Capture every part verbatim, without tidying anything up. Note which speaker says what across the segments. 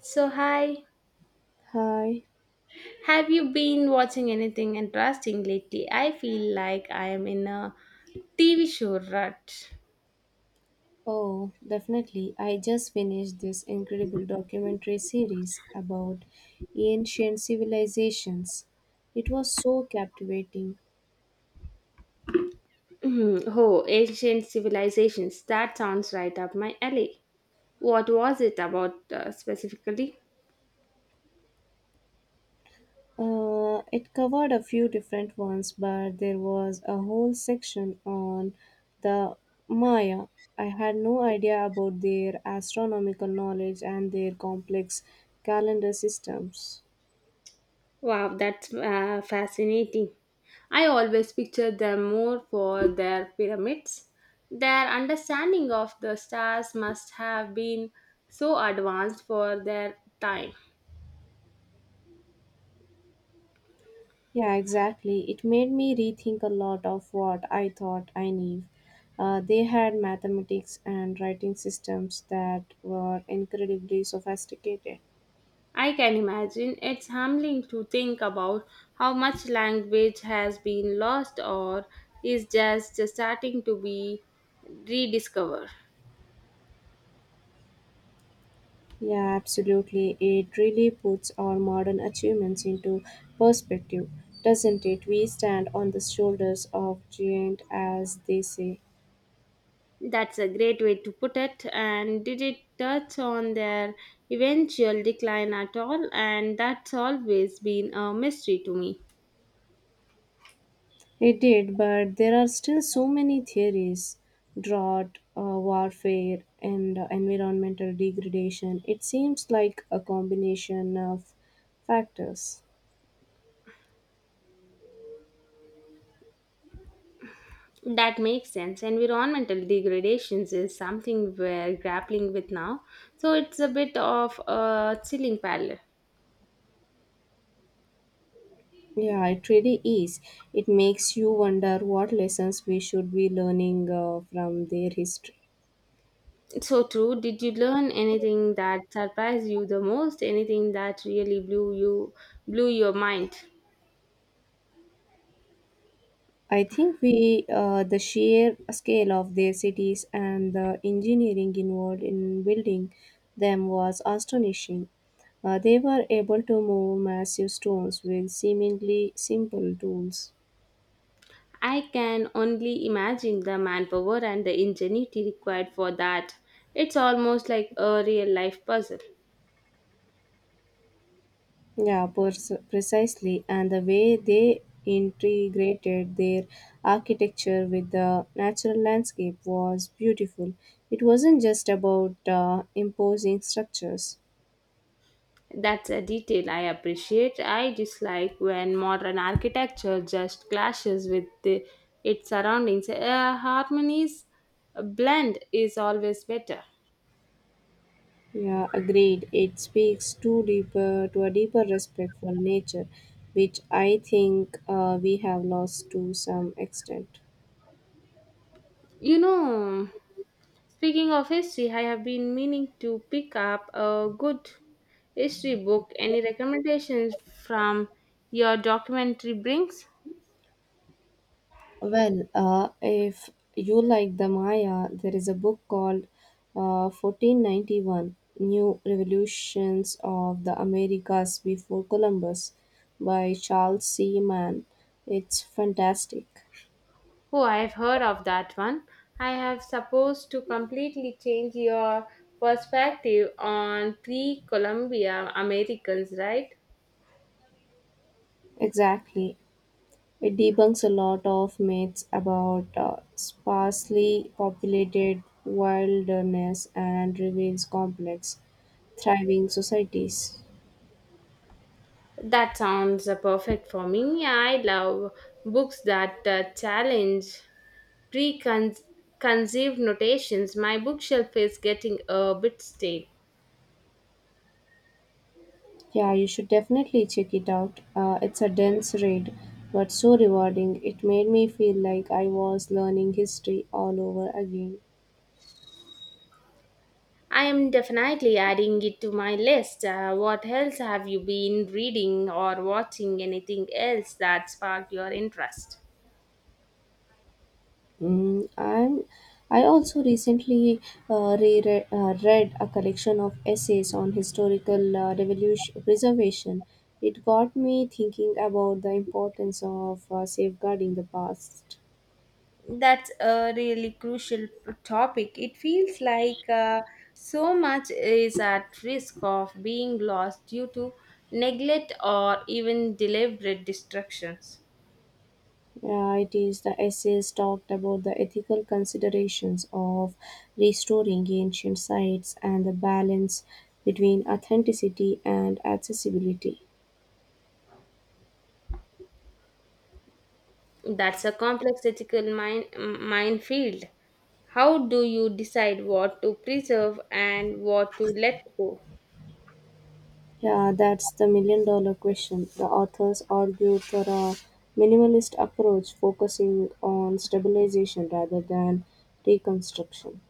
Speaker 1: So, hi.
Speaker 2: Hi.
Speaker 1: Have you been watching anything interesting lately? I feel like I am in a T V show rut.
Speaker 2: Oh, definitely. I just finished this incredible documentary series about ancient civilizations. It was so captivating.
Speaker 1: Hmm, oh, ancient civilizations. That sounds right up my alley. What was it about, uh, specifically?
Speaker 2: Uh, it covered a few different ones, but there was a whole section on the Maya. I had no idea about their astronomical knowledge and their complex calendar systems.
Speaker 1: Wow, that's uh, fascinating. I always picture them more for their pyramids. Their understanding of the stars must have been so advanced for their time.
Speaker 2: Yeah, exactly. It made me rethink a lot of what I thought I knew. Uh, they had mathematics and writing systems that were incredibly sophisticated.
Speaker 1: I can imagine it's humbling to think about how much language has been lost or is just starting to be rediscovered.
Speaker 2: Yeah, absolutely. It really puts our modern achievements into perspective, doesn't it? We stand on the shoulders of giant, as they say.
Speaker 1: That's a great way to put it. And did it touch on their eventual decline at all? And that's always been a mystery to me.
Speaker 2: It did, but there are still so many theories drought, uh, warfare, and uh, environmental degradation. It seems like a combination of factors.
Speaker 1: That makes sense. Environmental degradations is something we're grappling with now, so it's a bit of a chilling parallel.
Speaker 2: Yeah, it really is. It makes you wonder what lessons we should be learning uh, from their history.
Speaker 1: So true. Did you learn anything that surprised you the most? Anything that really blew you blew your mind?
Speaker 2: I think we uh, the sheer scale of their cities and the engineering involved in building them was astonishing. Uh, they were able to move massive stones with seemingly simple tools.
Speaker 1: I can only imagine the manpower and the ingenuity required for that. It's almost like a real life puzzle.
Speaker 2: Yeah, pers- precisely. And the way they integrated their architecture with the natural landscape was beautiful. It wasn't just about uh, imposing structures.
Speaker 1: That's a detail I appreciate. I dislike when modern architecture just clashes with the, its surroundings. A harmonies blend is always better.
Speaker 2: Yeah, agreed. It speaks to deeper to a deeper respect for nature, which I think uh, we have lost to some extent.
Speaker 1: You know, Speaking of history, I have been meaning to pick up a good history book. Any recommendations from your documentary brings?
Speaker 2: Well, uh, if you like the Maya, there is a book called uh, fourteen ninety-one New Revolutions of the Americas Before Columbus by Charles C. Mann. It's fantastic.
Speaker 1: Oh, I've heard of that one. I have supposed to completely change your perspective on pre-Columbia Americans, right?
Speaker 2: Exactly. It debunks a lot of myths about uh, sparsely populated wilderness and reveals complex, thriving societies.
Speaker 1: That sounds uh, perfect for me. I love books that uh, challenge preconceived notations. My bookshelf is getting a bit stale.
Speaker 2: Yeah, you should definitely check it out. Uh, it's a dense read, but so rewarding. It made me feel like I was learning history all over again.
Speaker 1: I am definitely adding it to my list. Uh, what else have you been reading or watching? Anything else that sparked your interest?
Speaker 2: Mm, am I also recently uh, re- uh, read a collection of essays on historical uh, revolution preservation. It got me thinking about the importance of uh, safeguarding the past.
Speaker 1: That's a really crucial p- topic. It feels like uh, so much is at risk of being lost due to neglect or even deliberate destructions.
Speaker 2: Yeah, it is the essays talked about the ethical considerations of restoring ancient sites and the balance between authenticity and accessibility.
Speaker 1: That's a complex ethical mine, m- minefield. How do you decide what to preserve and what to let go?
Speaker 2: Yeah, that's the million dollar question. The authors argued for a minimalist approach focusing on stabilization rather than reconstruction.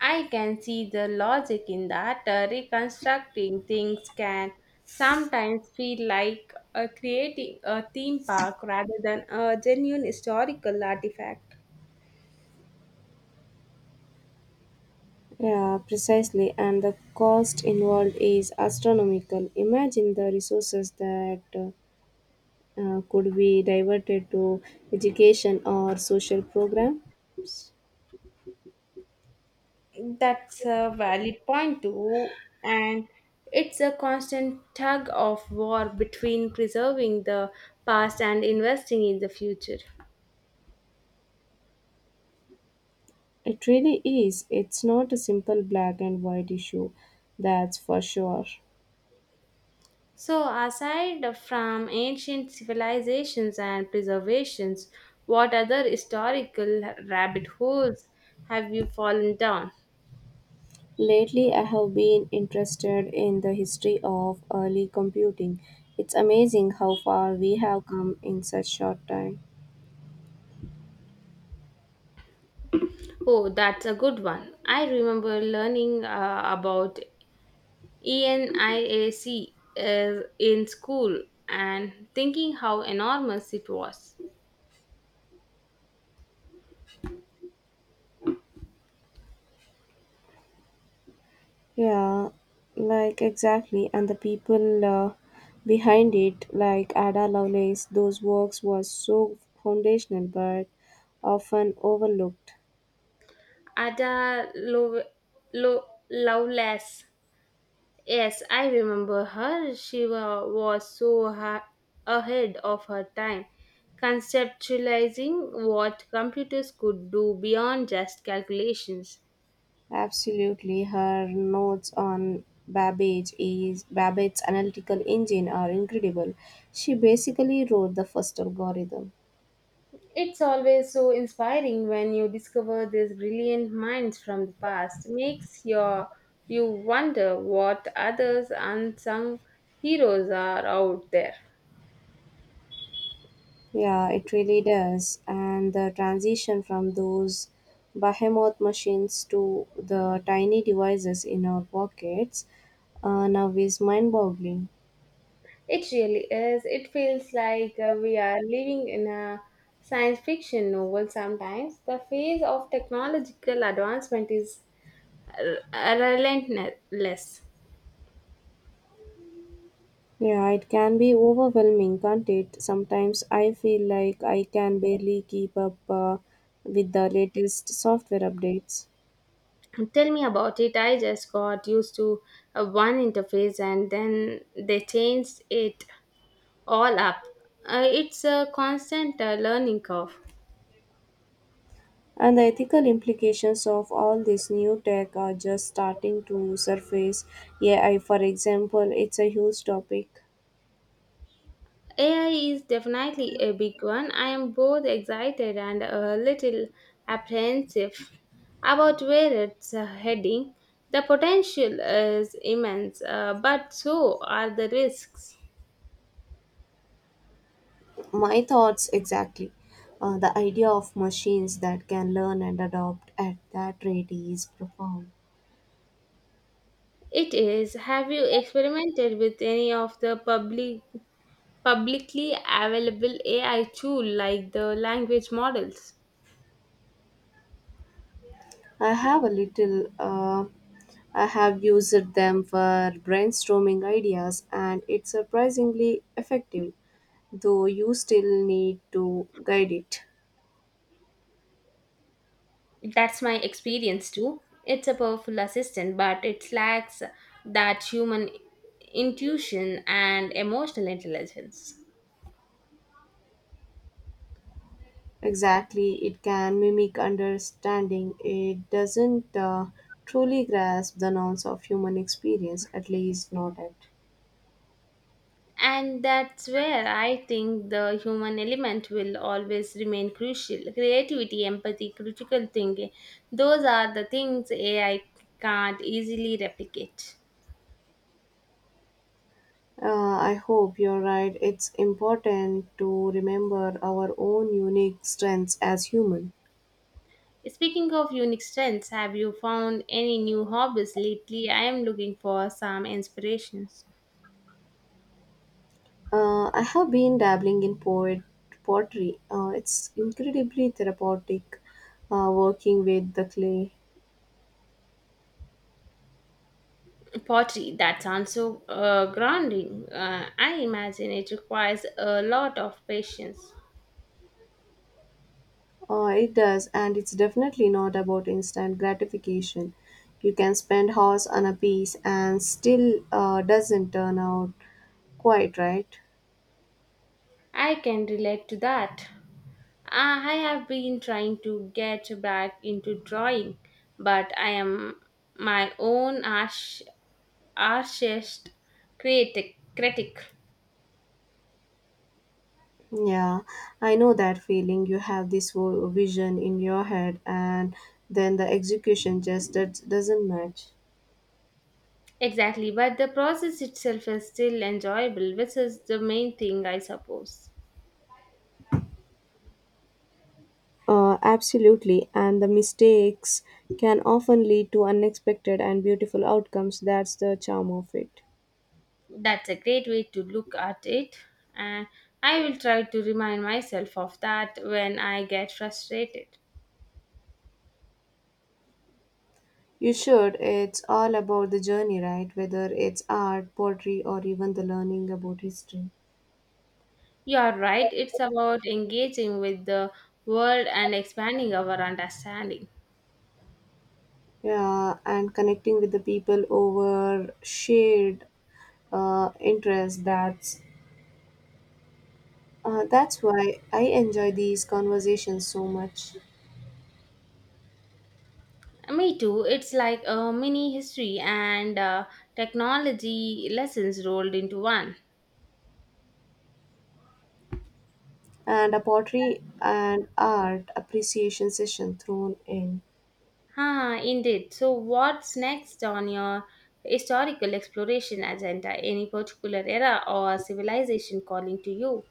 Speaker 1: I can see the logic in that. Uh, reconstructing things can sometimes feel like uh, creating a theme park rather than a genuine historical artifact.
Speaker 2: Yeah, precisely. And the cost involved is astronomical. Imagine the resources that uh, uh, could be diverted to education or social programs.
Speaker 1: That's a valid point, too. And it's a constant tug of war between preserving the past and investing in the future.
Speaker 2: It really is. It's not a simple black and white issue, that's for sure.
Speaker 1: So, aside from ancient civilizations and preservations, what other historical rabbit holes have you fallen down?
Speaker 2: Lately, I have been interested in the history of early computing. It's amazing how far we have come in such short time.
Speaker 1: Oh, that's a good one. I remember learning uh, about ENIAC uh, in school and thinking how enormous it was.
Speaker 2: Yeah, like exactly, and the people uh, behind it, like Ada Lovelace, those works was so foundational but often overlooked.
Speaker 1: Ada Lo- Lo- Lovelace. Yes, I remember her. She wa- was so ha- ahead of her time, conceptualizing what computers could do beyond just calculations.
Speaker 2: Absolutely, her notes on Babbage is Babbage's analytical engine are incredible. She basically wrote the first algorithm.
Speaker 1: It's always so inspiring when you discover these brilliant minds from the past. Makes your you wonder what others unsung heroes are out there.
Speaker 2: Yeah, it really does. And the transition from those behemoth machines to the tiny devices in our pockets uh, now is mind boggling.
Speaker 1: It really is. It feels like uh, we are living in a science fiction novel sometimes. The phase of technological advancement is r- relentless.
Speaker 2: Yeah, it can be overwhelming, can't it? Sometimes I feel like I can barely keep up uh, with the latest software updates.
Speaker 1: Tell me about it. I just got used to uh, one interface and then they changed it all up. Uh, it's a constant uh, learning curve.
Speaker 2: And the ethical implications of all this new tech are just starting to surface. Yeah, I for example, it's a huge topic.
Speaker 1: A I is definitely a big one. I am both excited and a little apprehensive about where it's uh, heading. The potential is immense, uh, but so are the risks.
Speaker 2: My thoughts exactly, uh, the idea of machines that can learn and adopt at that rate is profound.
Speaker 1: It is. Have you experimented with any of the public publicly available A I tool like the language models?
Speaker 2: I have a little, uh, I have used them for brainstorming ideas, and it's surprisingly effective, though you still need to guide it.
Speaker 1: That's my experience too. It's a powerful assistant, but it lacks that human intuition and emotional intelligence.
Speaker 2: Exactly, it can mimic understanding, it doesn't uh, truly grasp the nuance of human experience, at least not at.
Speaker 1: And that's where I think the human element will always remain crucial. Creativity, empathy, critical thinking, those are the things A I can't easily replicate.
Speaker 2: Uh, I hope you're right. It's important to remember our own unique strengths as human.
Speaker 1: Speaking of unique strengths, have you found any new hobbies lately? I am looking for some inspirations.
Speaker 2: Uh, I have been dabbling in poet pottery. Uh, it's incredibly therapeutic uh, working with the clay.
Speaker 1: Pottery, that sounds so uh, grounding. Uh, I imagine it requires a lot of patience.
Speaker 2: Uh, it does, and it's definitely not about instant gratification. You can spend hours on a piece and still uh, doesn't turn out quite right.
Speaker 1: I can relate to that. Uh, I have been trying to get back into drawing, but I am my own arch- archest critic. critic.
Speaker 2: Yeah, I know that feeling. You have this whole vision in your head, and then the execution just does- doesn't match.
Speaker 1: Exactly, but the process itself is still enjoyable, which is the main thing, I suppose.
Speaker 2: Uh, absolutely, and the mistakes can often lead to unexpected and beautiful outcomes. That's the charm of it.
Speaker 1: That's a great way to look at it, and I will try to remind myself of that when I get frustrated.
Speaker 2: You should. It's all about the journey, right? Whether it's art, poetry, or even the learning about history.
Speaker 1: You are right, it's about engaging with the world and expanding our understanding.
Speaker 2: Yeah, and connecting with the people over shared uh, interests. That's Uh, that's why I enjoy these conversations so much.
Speaker 1: Me too, it's like a mini history and uh, technology lessons rolled into one.
Speaker 2: And a pottery and art appreciation session thrown in.
Speaker 1: Ah, indeed. So, what's next on your historical exploration agenda? Any particular era or civilization calling to you?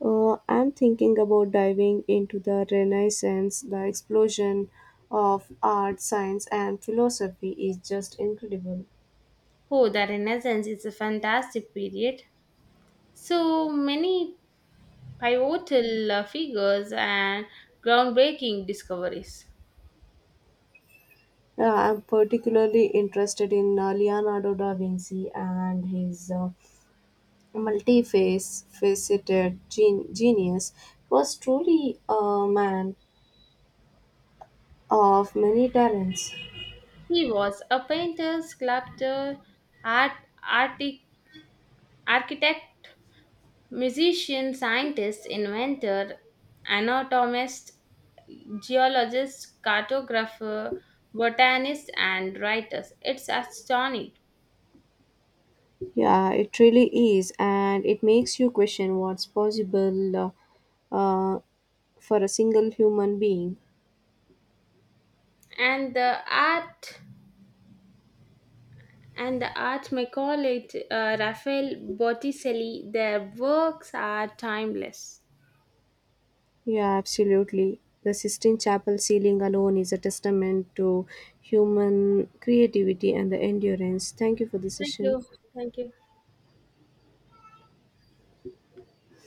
Speaker 2: Uh, I'm thinking about diving into the Renaissance. The explosion of art, science, and philosophy is just incredible.
Speaker 1: Oh, the Renaissance is a fantastic period. So many pivotal uh, figures and groundbreaking discoveries.
Speaker 2: Uh, I'm particularly interested in uh, Leonardo da Vinci and his uh, multifaceted gen- genius. He was truly a man of many talents.
Speaker 1: He was a painter, sculptor, art, arti- architect, musician, scientist, inventor, anatomist, geologist, cartographer, botanist, and writer. It's astonishing.
Speaker 2: Yeah, it really is, and it makes you question what's possible uh, uh, for a single human being.
Speaker 1: And the art and the art may call it uh, Raphael Botticelli. Their works are timeless.
Speaker 2: Yeah, absolutely. The Sistine Chapel ceiling alone is a testament to human creativity and the endurance. Thank you for the
Speaker 1: Thank you.
Speaker 2: session.
Speaker 1: Thank you.